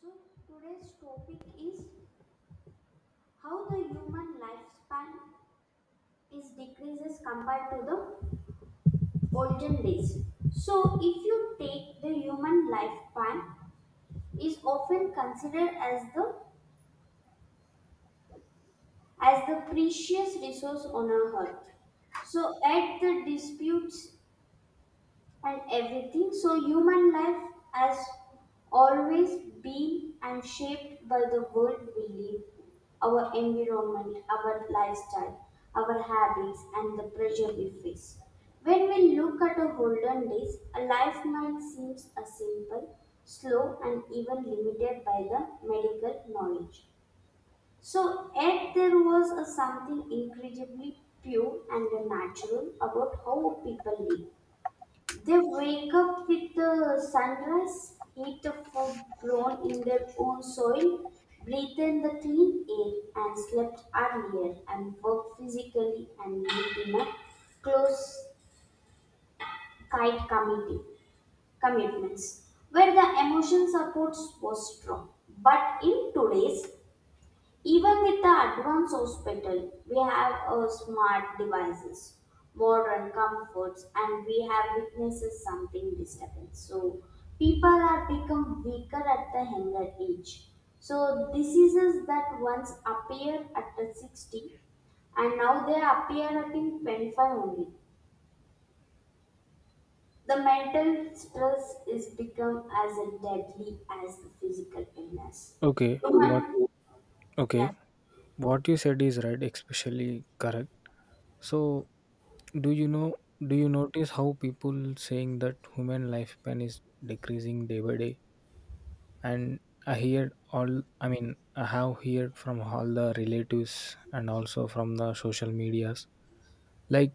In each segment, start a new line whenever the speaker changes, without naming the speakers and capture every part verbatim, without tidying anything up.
So today's topic is how the human lifespan is decreases compared to the olden days. So if you take the human lifespan is often considered as the as the precious resource on our earth. So at the disputes and everything. So, human life has always been and shaped by the world we live, our environment, our lifestyle, our habits, and the pressure we face. When we look at the olden days, a life might seem a simple, slow, and even limited by the medical knowledge. So, yet there was a something incredibly pure and natural about how people live. They wake up with the sunrise, eat the food grown in their own soil, breathe in the clean air, and slept earlier and work physically and live in a close tight committee commitments where the emotion supports was strong. But in today's even with the advanced hospital, we have our smart devices, modern comforts, and we have witnesses something disturbing. So people are become weaker at the younger age. So diseases that once appeared at the sixty and now they appear at in twenty-five only. The mental stress is become as a deadly as the physical illness.
Okay, what
Human,
okay,
yeah.
what you said is right, especially correct. So, do you know do you notice how people saying that human lifespan is decreasing day by day? And I hear all I mean, I have heard from all the relatives and also from the social medias. Like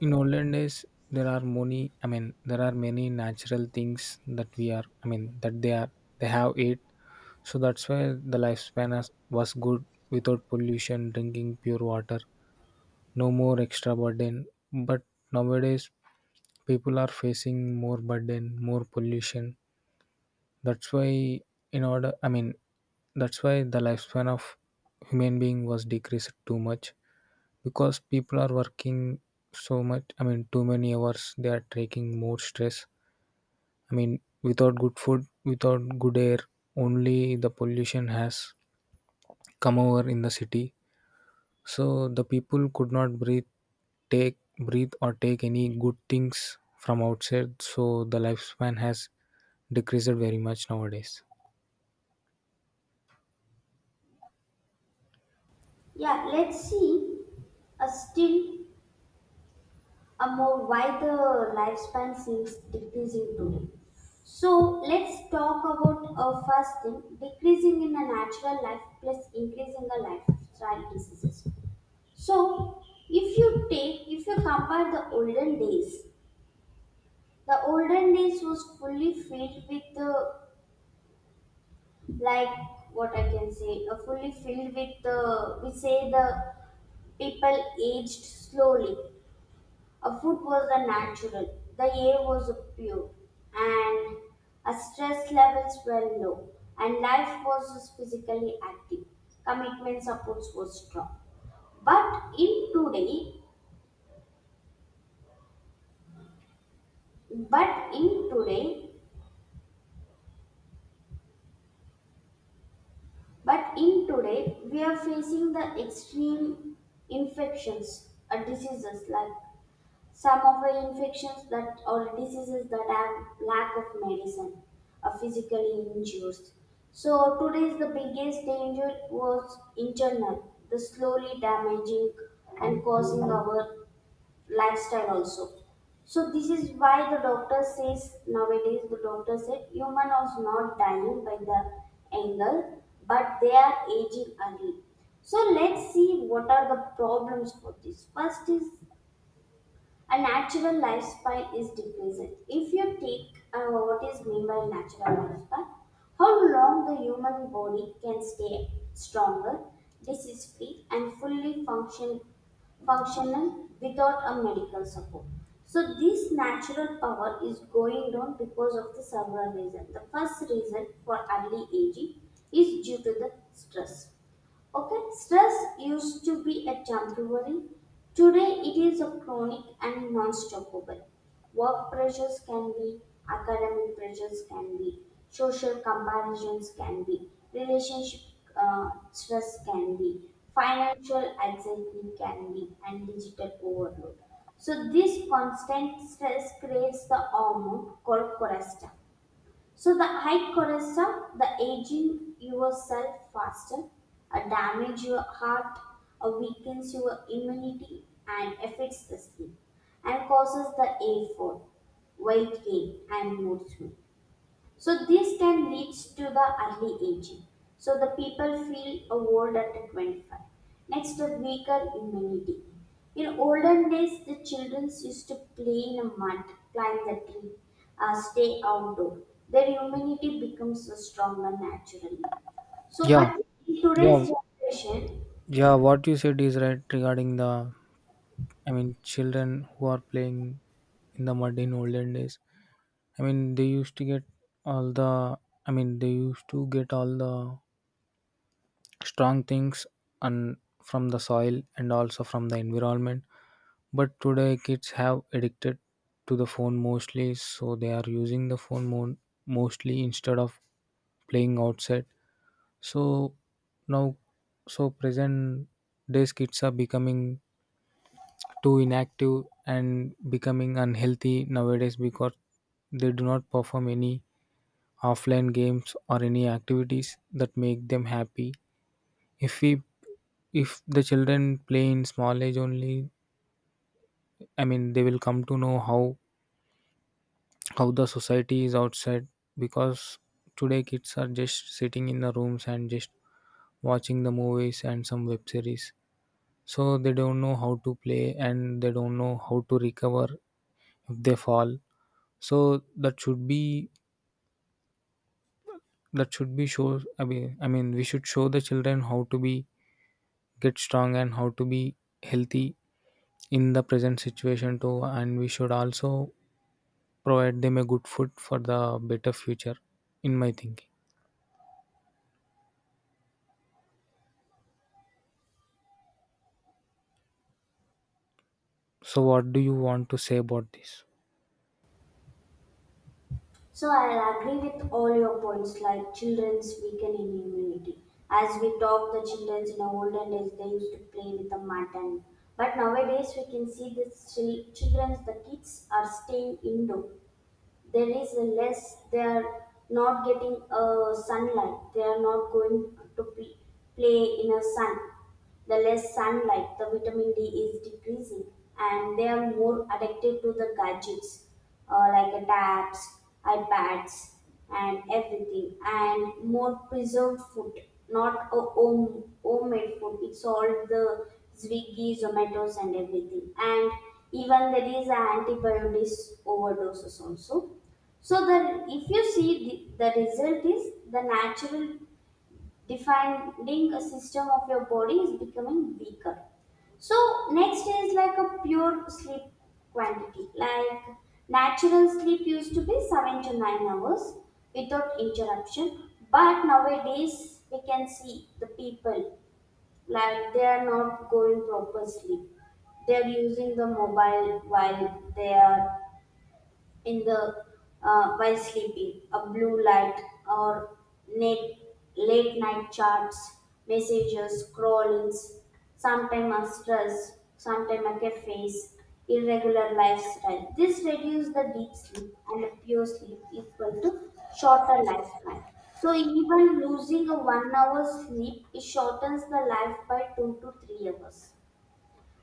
in olden days there are many I mean there are many natural things that we are I mean that they are they have ate So that's why the lifespan as- was good without pollution, drinking pure water, no more extra burden. But nowadays, people are facing more burden, more pollution. That's why, in order, I mean, that's why the lifespan of human being was decreased too much because people are working so much. I mean, too many hours. They are taking more stress. I mean, without good food, without good air, only the pollution has come over in the city. So the people could not breathe, take breathe or take any good things from outside. So the lifespan has decreased very much nowadays.
Yeah, let's see a still a more why the lifespan seems decreasing today. So let's talk about a first thing decreasing in a natural life plus increasing the lifestyle diseases. So if you take if you compare the olden days, the olden days was fully filled with the like what I can say, uh, fully filled with the we say the people aged slowly. A food was the natural, the air was pure, and our stress levels were low, and life was physically active. Commitment supports was strong. But in today, but in today, but in today, we are facing the extreme infections, uh, diseases like some of the infections that or diseases that have lack of medicine are physically injures. So today's the biggest danger was internal, the slowly damaging and causing our lifestyle also. So this is why the doctor says nowadays the doctor said human was not dying by the angle, but they are aging early. So let's see what are the problems for this. First is a natural lifespan is decreasing. If you take uh, what is meant by natural lifespan, how long the human body can stay stronger, disease free, and fully function, functional without a medical support. So, this natural power is going down because of the several reasons. The first reason for early aging is due to the stress. Okay, stress used to be a temporary. Today it is a chronic and non-stoppable. Work pressures can be, academic pressures can be, social comparisons can be, relationship uh, stress can be, financial anxiety can be, and digital overload. So this constant stress creates the hormone called cortisol. So the high cholesterol, the aging yourself faster, uh, damage your heart, uh, weakens your immunity and affects the sleep and causes the A four, weight gain and mood swing. So this then leads to the early aging. So the people feel old at twenty-five. Next, the weaker immunity. In olden days, the children used to play in the mud, climb the tree, uh, stay outdoor. Their immunity becomes stronger naturally. So,
Yeah,
but in
yeah,
today's generation,
yeah. What you said is right regarding the, I mean, children who are playing in the mud in olden days. I mean, they used to get all the, I mean, they used to get all the strong things and from the soil and also from the environment, but today kids have addicted to the phone mostly, so they are using the phone more mostly instead of playing outside. So now so present days kids are becoming too inactive and becoming unhealthy nowadays because they do not perform any offline games or any activities that make them happy. if we if the children play in small age only, i mean they will come to know how how the society is outside, because today kids are just sitting in the rooms and just watching the movies and some web series. So they don't know how to play and they don't know how to recover if they fall. So that should be that should be show I mean I mean we should show the children how to be get strong and how to be healthy in the present situation too, and we should also provide them a good food for the better future, in my thinking. So what do you want to say about this?
so I'll agree with all your points like children's weakening immunity. As we talk, the childrens in the olden days they used to play with the mud and but nowadays we can see the chil- childrens, the kids are staying indoor, there is less they are not getting uh, sunlight, they are not going to p- play in a sun. The less sunlight, the vitamin D is decreasing, and they are more addicted to the gadgets, uh, like uh, tabs, iPads, and everything, and more preserved food, not a home homemade food, it's all the Swiggy Zomatos and everything, and even there is a antibiotics overdoses also. So the if you see the, the result is the natural defining a system of your body is becoming weaker. So next is like a pure sleep quantity. Like natural sleep used to be seven to nine hours without interruption, but nowadays we can see the people like they are not going proper sleep. They are using the mobile while they are in the uh, while sleeping. A blue light or late, late night chats, messages, scrollings, sometimes a stress, sometimes a cafes, irregular lifestyle. This reduces the deep sleep and the pure sleep equal to shorter lifespan. So even losing a one hour sleep it shortens the life by two to three hours,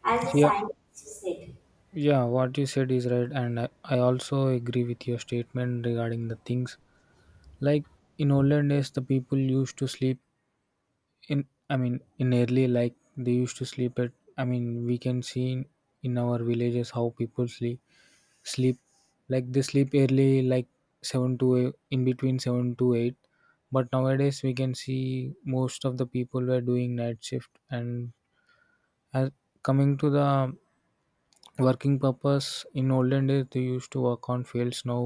as a
Yeah,
scientist said.
yeah. What you said is right, and i, I also agree with your statement regarding the things. Like in olden days the people used to sleep in I mean in early, like they used to sleep at, i mean we can see in, in our villages how people sleep sleep like they sleep early like seven to eight, in between seven to eight. But nowadays we can see most of the people were doing night shift. And as coming to the working purpose, in olden days they used to work on fields, now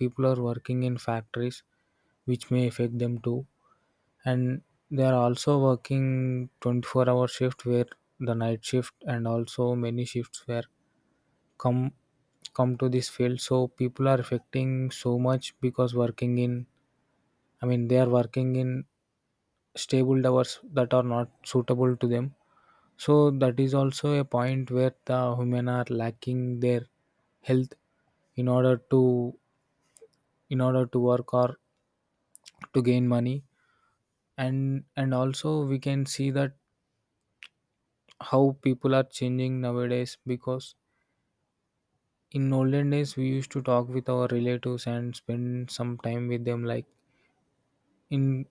people are working in factories, which may affect them too. And they are also working twenty-four hour shift where the night shift and also many shifts where come come to this field. So people are affecting so much because working in I mean they are working in stable hours that are not suitable to them. So that is also a point where the women are lacking their health in order to in order to work or to gain money. And and also we can see that how people are changing nowadays because in olden days we used to talk with our relatives and spend some time with them, like in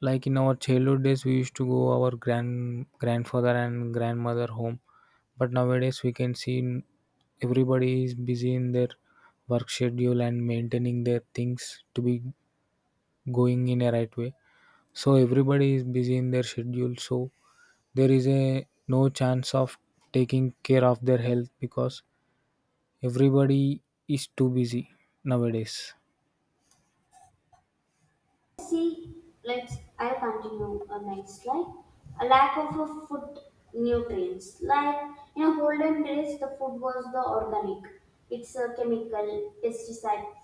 like in our childhood days, we used to go our grand grandfather and grandmother home, but nowadays we can see n- everybody is busy in their work schedule and maintaining their things to be going in a right way. So everybody is busy in their schedule, so there is a no chance of taking care of their health because everybody is too busy nowadays.
See, let's I'll continue a next slide. A lack of a food nutrients. Like in a olden days, the food was the organic. It's a chemical pesticide.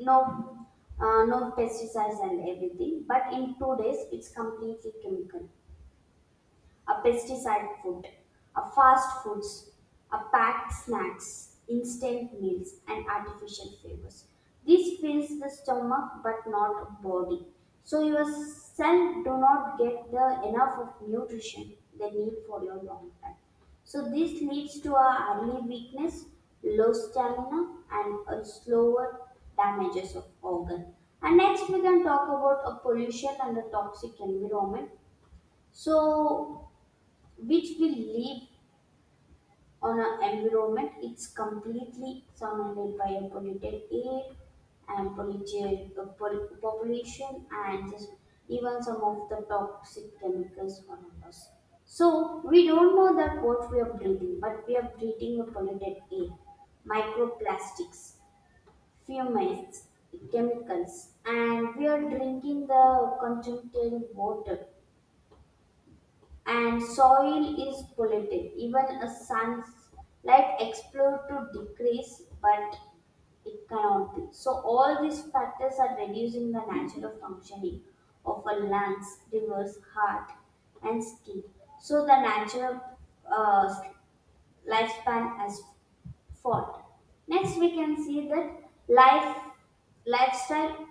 No, uh, no pesticides and everything. But in two days, it's completely chemical a pesticide food, a fast foods, a packed snacks, instant meals, and artificial flavors. This fills the stomach but not body. So your cell do not get the enough of nutrition they need for your long time. So this leads to a early weakness, low stamina, and a slower damages of organ. And next we can talk about a pollution and a toxic environment. So which we live on an environment it's completely surrounded by a polluted air and polluted uh, pol- population and just even some of the toxic chemicals around us. So we don't know that what we are breathing, but we are breathing a polluted air, microplastics, fumes, chemicals, and we are drinking the contaminated water and soil is polluted. Even a sunlight explode to decrease, but it cannot be. So all these factors are reducing the natural functioning of our lungs, rivers, heart, and skin. So the natural uh, lifespan has fallen. Next, we can see that life lifestyle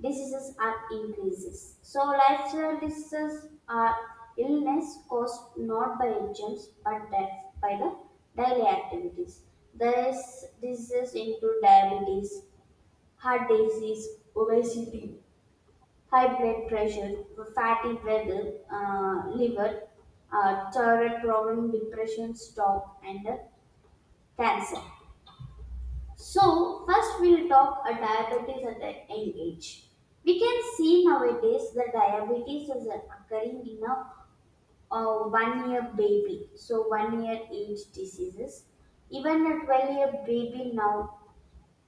diseases are increases. So lifestyle diseases are illness caused not by germs but that by the daily activities. These diseases include diabetes, heart disease, obesity, high blood pressure, fatty liver, uh, liver, uh, thyroid problem, depression, stroke, and uh, cancer. So, first we'll talk a diabetes at an young age. We can see nowadays the diabetes is occurring in a uh, one year baby, so one year age diseases. Even a twelve year baby now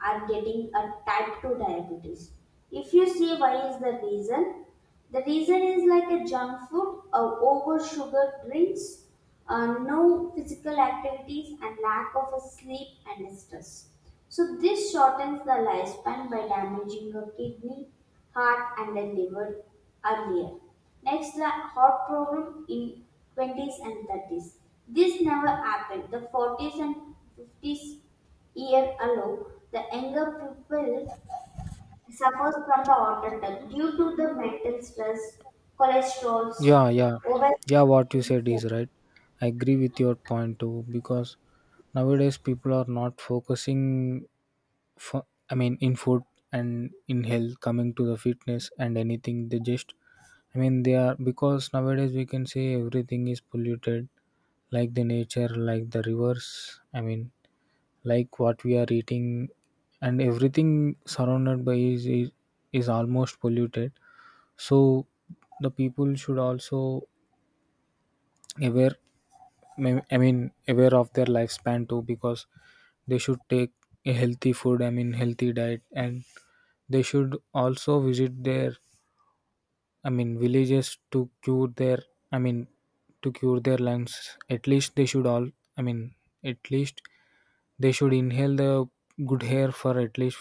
are getting a type two diabetes. If you see why is the reason, the reason is like a junk food, uh, over sugar drinks, uh, no physical activities, and lack of a sleep and stress. So this shortens the lifespan by damaging a kidney, heart, and the liver earlier. Next, the heart problem in twenties and thirties. This never happened. The forties and fifties ear alone, the younger pupil suffers from the auto due to the mental stress, cholesterol,
Yeah, yeah, yeah. What
obesity,
you
and
said
food.
is right. I agree with your point too because nowadays people are not focusing for, I mean in food and in health, coming to the fitness and anything they just, I mean they are, because nowadays we can say everything is polluted, like the nature, like the rivers, I mean like what we are eating, and everything surrounded by is is, is almost polluted. So the people should also aware, may- I mean aware of their lifespan too, because they should take a healthy food, I mean healthy diet, and they should also visit their, I mean villages to cure their, I mean to cure their lungs. At least they should all, I mean at least they should inhale the good air for at least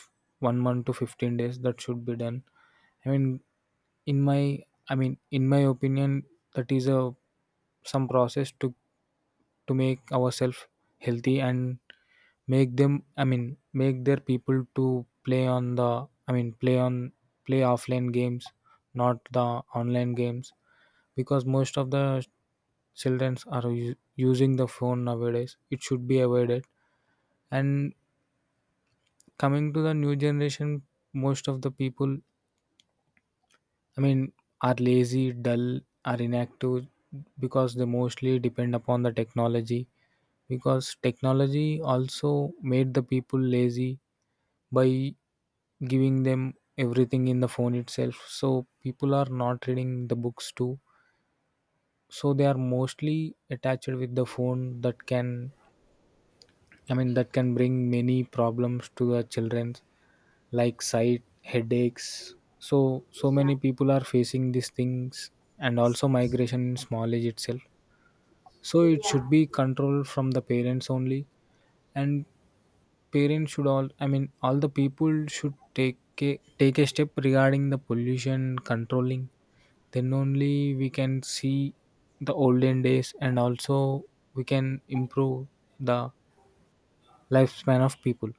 one month to fifteen days. That should be done, I mean in my I mean in my opinion. That is a some process to to make ourselves healthy and make them, i mean make their people to play on the I mean play on play offline games, not the online games, because most of the children are u- using the phone nowadays. It should be avoided. And coming to the new generation, most of the people, I mean, are lazy, dull, are inactive, because they mostly depend upon the technology. Because technology also made the people lazy by giving them everything in the phone itself. So people are not reading the books too. So they are mostly attached with the phone, that can, I mean, that can bring many problems to the children, like sight, headaches. So so
Yeah,
many people are facing these things, and also migration in small age itself. So it
yeah,
should be controlled from the parents only, and parents should all. I mean, all the people should take a, take a step regarding the pollution controlling. Then only we can see the olden days, and also we can improve the lifespan of people.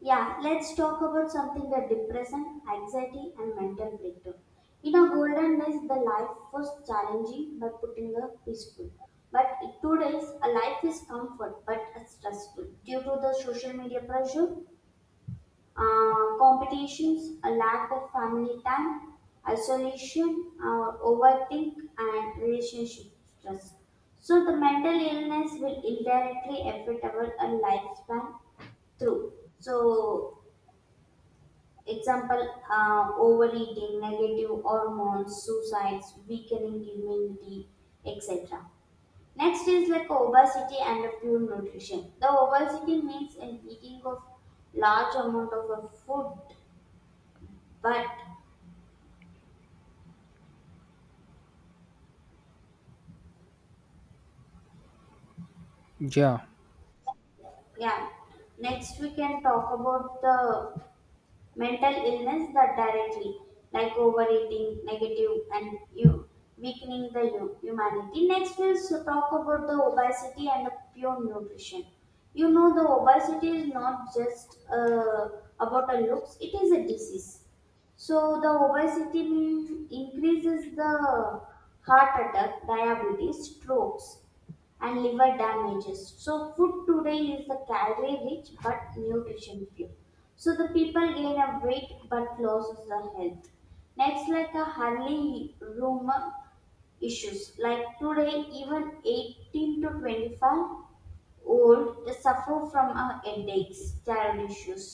yeah. Let's talk about something that depression, anxiety, and mental breakdown. In our golden days, the life was challenging but putting a peaceful. But in today's, a life is comfort but stressful due to the social media pressure, uh, competitions, a lack of family time, isolation, uh, overthink, and relationship stress. So, the mental illness will indirectly affect our uh, lifespan through. So, example, uh, overeating, negative hormones, suicides, weakening immunity, et cetera. Next is like obesity and a poor nutrition. The obesity means an eating of large amount of a food but
Yeah.
yeah, next we can talk about the mental illness that directly, like overeating, negative, and you weakening the hu- humanity. Next we'll so- talk about the obesity and the pure nutrition. You know, the obesity is not just uh, about a looks; it is a disease. So the obesity increases the heart attack, diabetes, strokes, and liver damages. So food today is the calorie rich but nutrition few. So the people gain a weight but loses the health. Next, like a early rumor issues. Like today, even eighteen to twenty-five old, they suffer from uh, headaches, thyroid issues,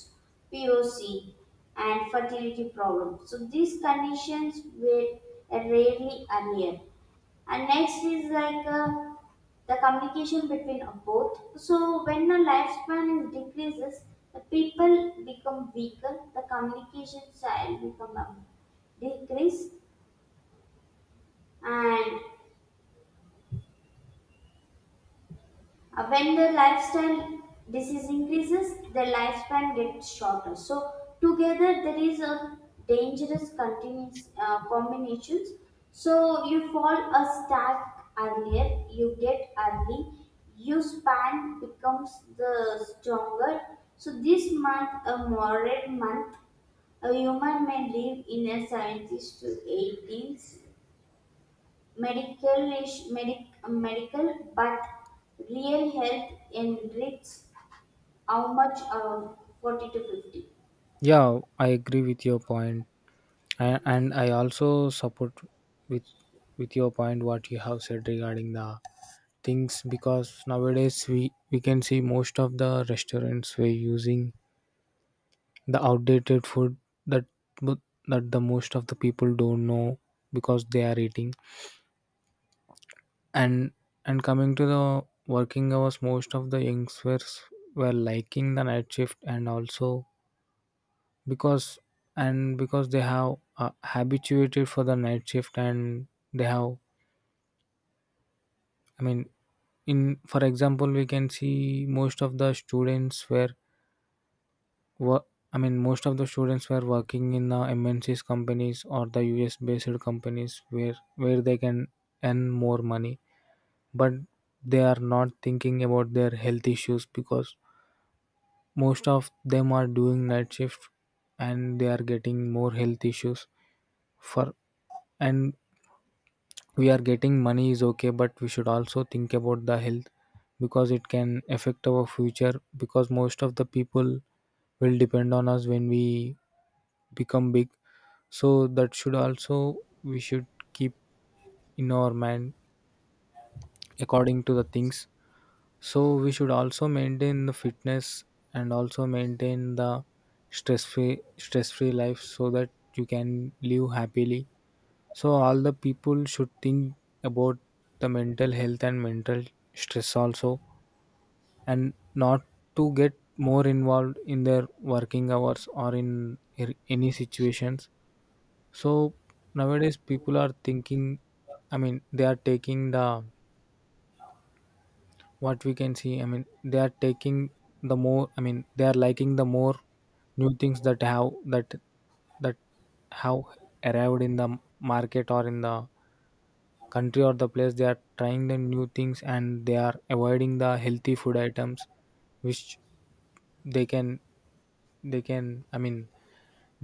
P O C, and fertility problems. So these conditions were rarely earlier. And next is like uh, the communication between uh, both. So when the lifespan is decreases, the people become weaker, the communication style become uh, decrease, and Uh, when the lifestyle disease increases, their lifespan gets shorter. So together there is a dangerous continuous uh, combinations. So you fall a stack earlier, you get early, you span becomes the stronger. So this month, a moderate month, a human may live in a seventies to eighties medical nation, medic, medical but real health enriches how much uh, forty to fifty.
Yeah, I agree with your point, and, and I also support with with your point what you have said regarding the things, because nowadays we we can see most of the restaurants were using the outdated food that, but that the most of the people don't know because they are eating. And and coming to the working hours, most of the youngsters were liking the night shift, and also because and because they have uh, habituated for the night shift. And they have, i mean in for example, we can see most of the students were wo- I mean most of the students were working in the mncs companies or the us based companies, where where they can earn more money, but they are not thinking about their health issues, because most of them are doing night shift and they are getting more health issues for. And we are getting money is okay, but we should also think about the health, because it can affect our future, because most of the people will depend on us when we become big. So that should also, we should keep in our mind according to the things. So we should also maintain the fitness, and also maintain the stress free stress free life so that you can live happily. So all the people should think about the mental health and mental stress also, and not to get more involved in their working hours or in ar- any situations. So nowadays people are thinking, i mean they are taking the, what we can see I mean they are taking the more, i mean they are liking the more new things that have, that that have arrived in the market or in the country or the place. They are trying the new things and they are avoiding the healthy food items, which they can they can I mean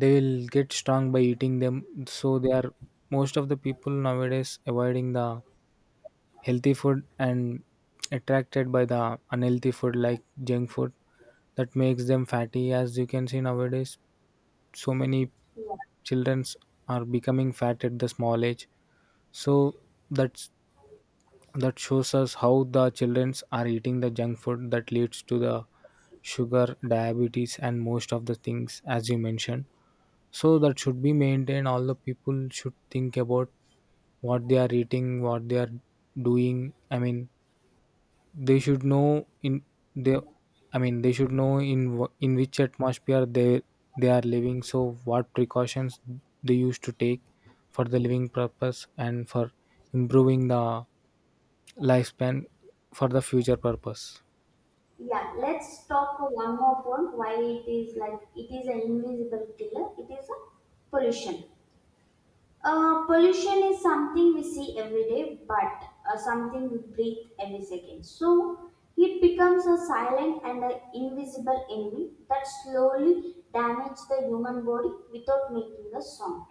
they will get strong by eating them. So they are, most of the people nowadays avoiding the healthy food and attracted by the unhealthy food like junk food, that makes them fatty. As you can see nowadays so many
Yeah.
childrens are becoming fat at the small age. So that's that shows us how the childrens are eating the junk food that leads to the sugar diabetes and most of the things as you mentioned. So that should be maintained. All the people should think about what they are eating, what they are doing, i mean they should know in they I mean they should know in wh- in which atmosphere they they are living, so what precautions they used to take for the living purpose and for improving the lifespan for the future purpose.
Yeah, let's talk one more point why it is like it is an invisible killer, it is a pollution. Uh, pollution is something we see every day but uh, something we breathe every second, so it becomes a silent and an invisible enemy that slowly damages the human body without making a sound.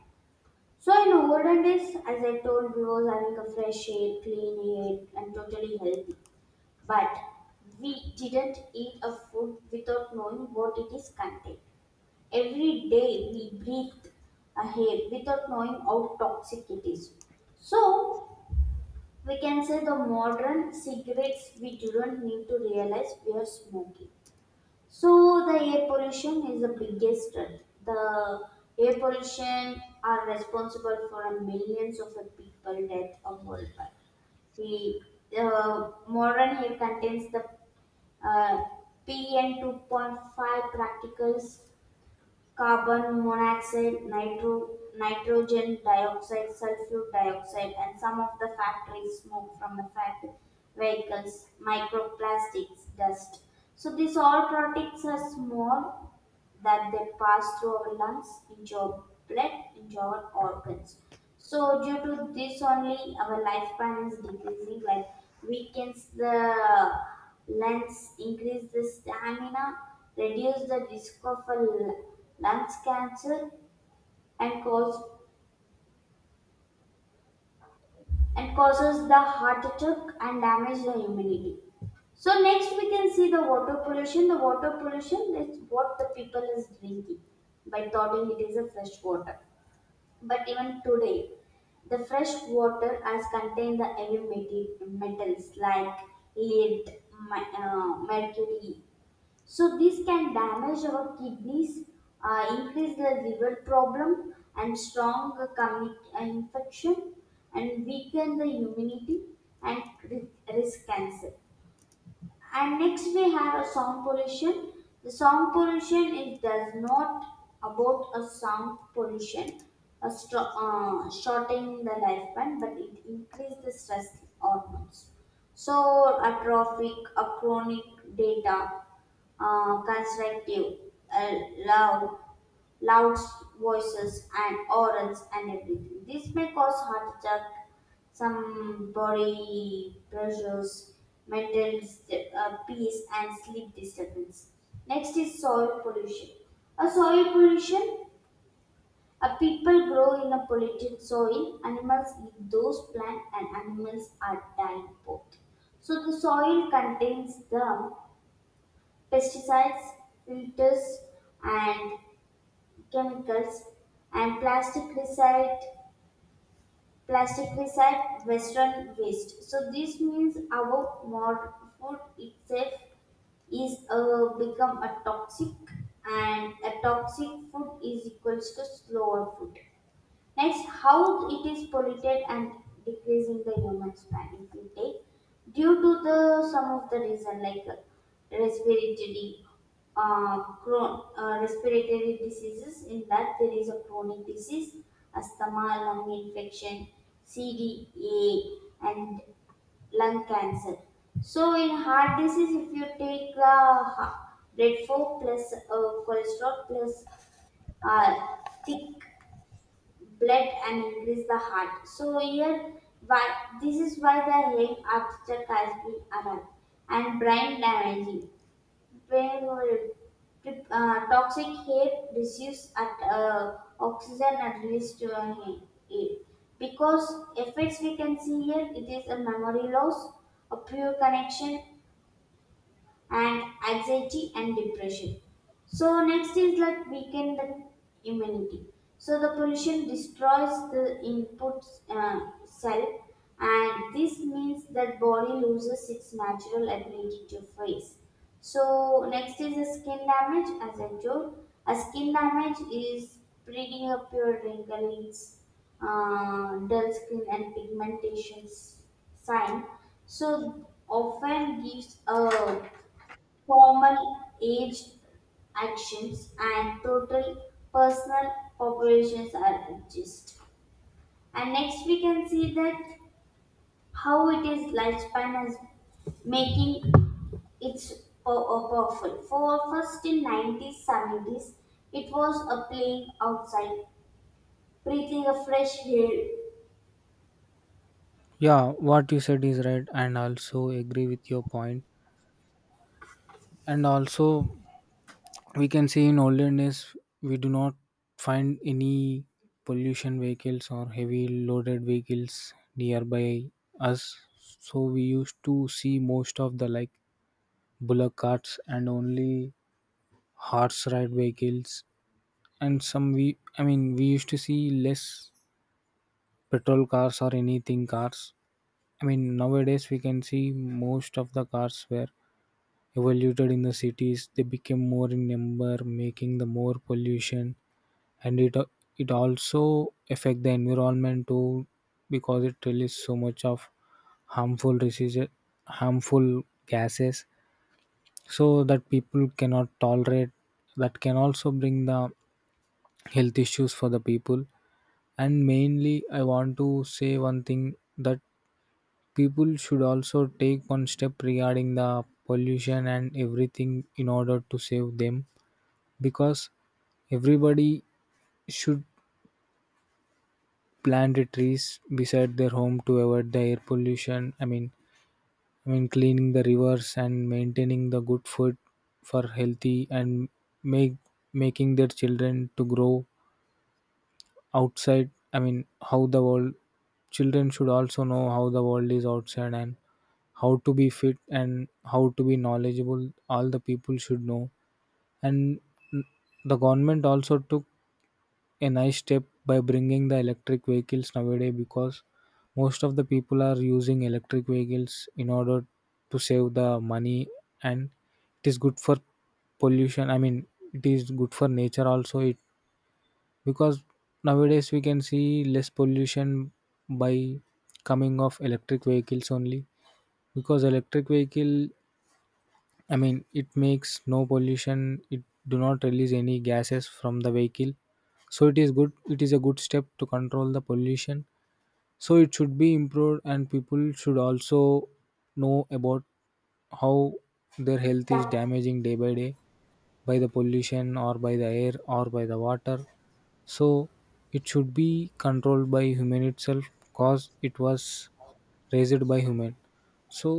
So in olden days, as I told, we was having a fresh air, clean air, and totally healthy. But we didn't eat a food without knowing what it is contained. Every day we breathed a air without knowing how toxic it is. So we can say the modern cigarettes we do not need to realize we are smoking. So the air pollution is the biggest threat. The air pollution are responsible for millions of people death of worldwide. The uh, modern air contains the uh, P N two point five particles, carbon monoxide, nitro, nitrogen dioxide, sulfur dioxide, and some of the factory smoke from the factory vehicles, microplastics, dust. So these all products are small that they pass through our lungs into our blood into our organs, so due to this only our lifespan is decreasing, like weakens the lungs, increase the stamina, reduce the risk of a l- lungs cancer, and cause and causes the heart attack and damage the immunity. So next we can see the water pollution. The water pollution is what the people is drinking by thoughting it is a fresh water. But even today, the fresh water has contained the heavy meti- metals like lead, ma- uh, mercury. So this can damage our kidneys, uh, increase the liver problem, and strong commit- uh, infection, and weaken the immunity, and ri- risk cancer. And next we have a sound pollution. The sound pollution is does not about a sound pollution, a stro- uh, shortening the lifespan, but it increase the stress hormones. So a traffic, a chronic data, uh, constructive, uh, loud, loud voices and orals and everything. This may cause heart attack, some body pressures, mental disturb- uh, peace and sleep disturbance. Next is soil pollution. A soil pollution. A people grow in a polluted soil. Animals eat those plants and animals are dying both. So the soil contains the pesticides, filters, and chemicals, and plastic recite plastic recite western waste. So this means our modern food itself is uh, become a toxic, and a toxic food is equals to slower food. Next, how it is polluted and decreasing the human span. If you take due to the some of the reason like uh, respiratory, uh, chron- uh, respiratory diseases. In that there is a chronic disease, asthma, lung infection, C D A, and lung cancer. So in heart disease, if you take the ha- bread four plus uh, cholesterol plus uh, thick blood and increase the heart. So here, why this is why the head architect has been arrived and brain damaging. Brain will- uh, Toxic hair reduces at uh, oxygen and release to our hair. Air. Because effects we can see here, it is a memory loss, a pure connection, and anxiety and depression. So next is like weaken the immunity. So the pollution destroys the input uh, cell, and this means that body loses its natural ability to face. So next is the skin damage. As I told, a skin damage is breeding up your wrinklings, uh, dull skin, and pigmentation s- sign. So often gives a formal age, actions and total personal populations are adjusted. And next we can see that how it is lifespan is making its po- uh, powerful. For first in nineties, seventies, it was a playing outside, breathing a fresh air.
Yeah, what you said is right, and also agree with your point. And also we can see in olden days we do not find any pollution vehicles or heavy loaded vehicles nearby us. So we used to see most of the, like, bullock carts and only horse ride vehicles, and some we I mean we used to see less petrol cars or anything cars, i mean nowadays we can see most of the cars were evaluated in the cities. They became more in number, making the more pollution, and it al- it also affect the environment too, because it releases so much of harmful diseases harmful gases, so that people cannot tolerate. That can also bring the health issues for the people. And mainly I want to say one thing, that people should also take one step regarding the pollution and everything in order to save them, because everybody should planted trees beside their home to avoid the air pollution. I mean, I mean cleaning the rivers and maintaining the good food for healthy, and make making their children to grow outside. I mean, how the world children should also know how the world is outside and how to be fit and how to be knowledgeable. All the people should know. And the government also took a nice step by bringing the electric vehicles nowadays, because most of the people are using electric vehicles in order to save the money, and it is good for pollution, i mean it is good for nature also. It because nowadays we can see less pollution by coming of electric vehicles only, because electric vehicle, I mean, it makes no pollution. It do not release any gases from the vehicle, so it is good. It is a good step to control the pollution. So it should be improved, and people should also know about how their health is
Yeah,
damaging day by day by the pollution or by the air or by the water. So it should be controlled by human itself, cause it was raised by human. So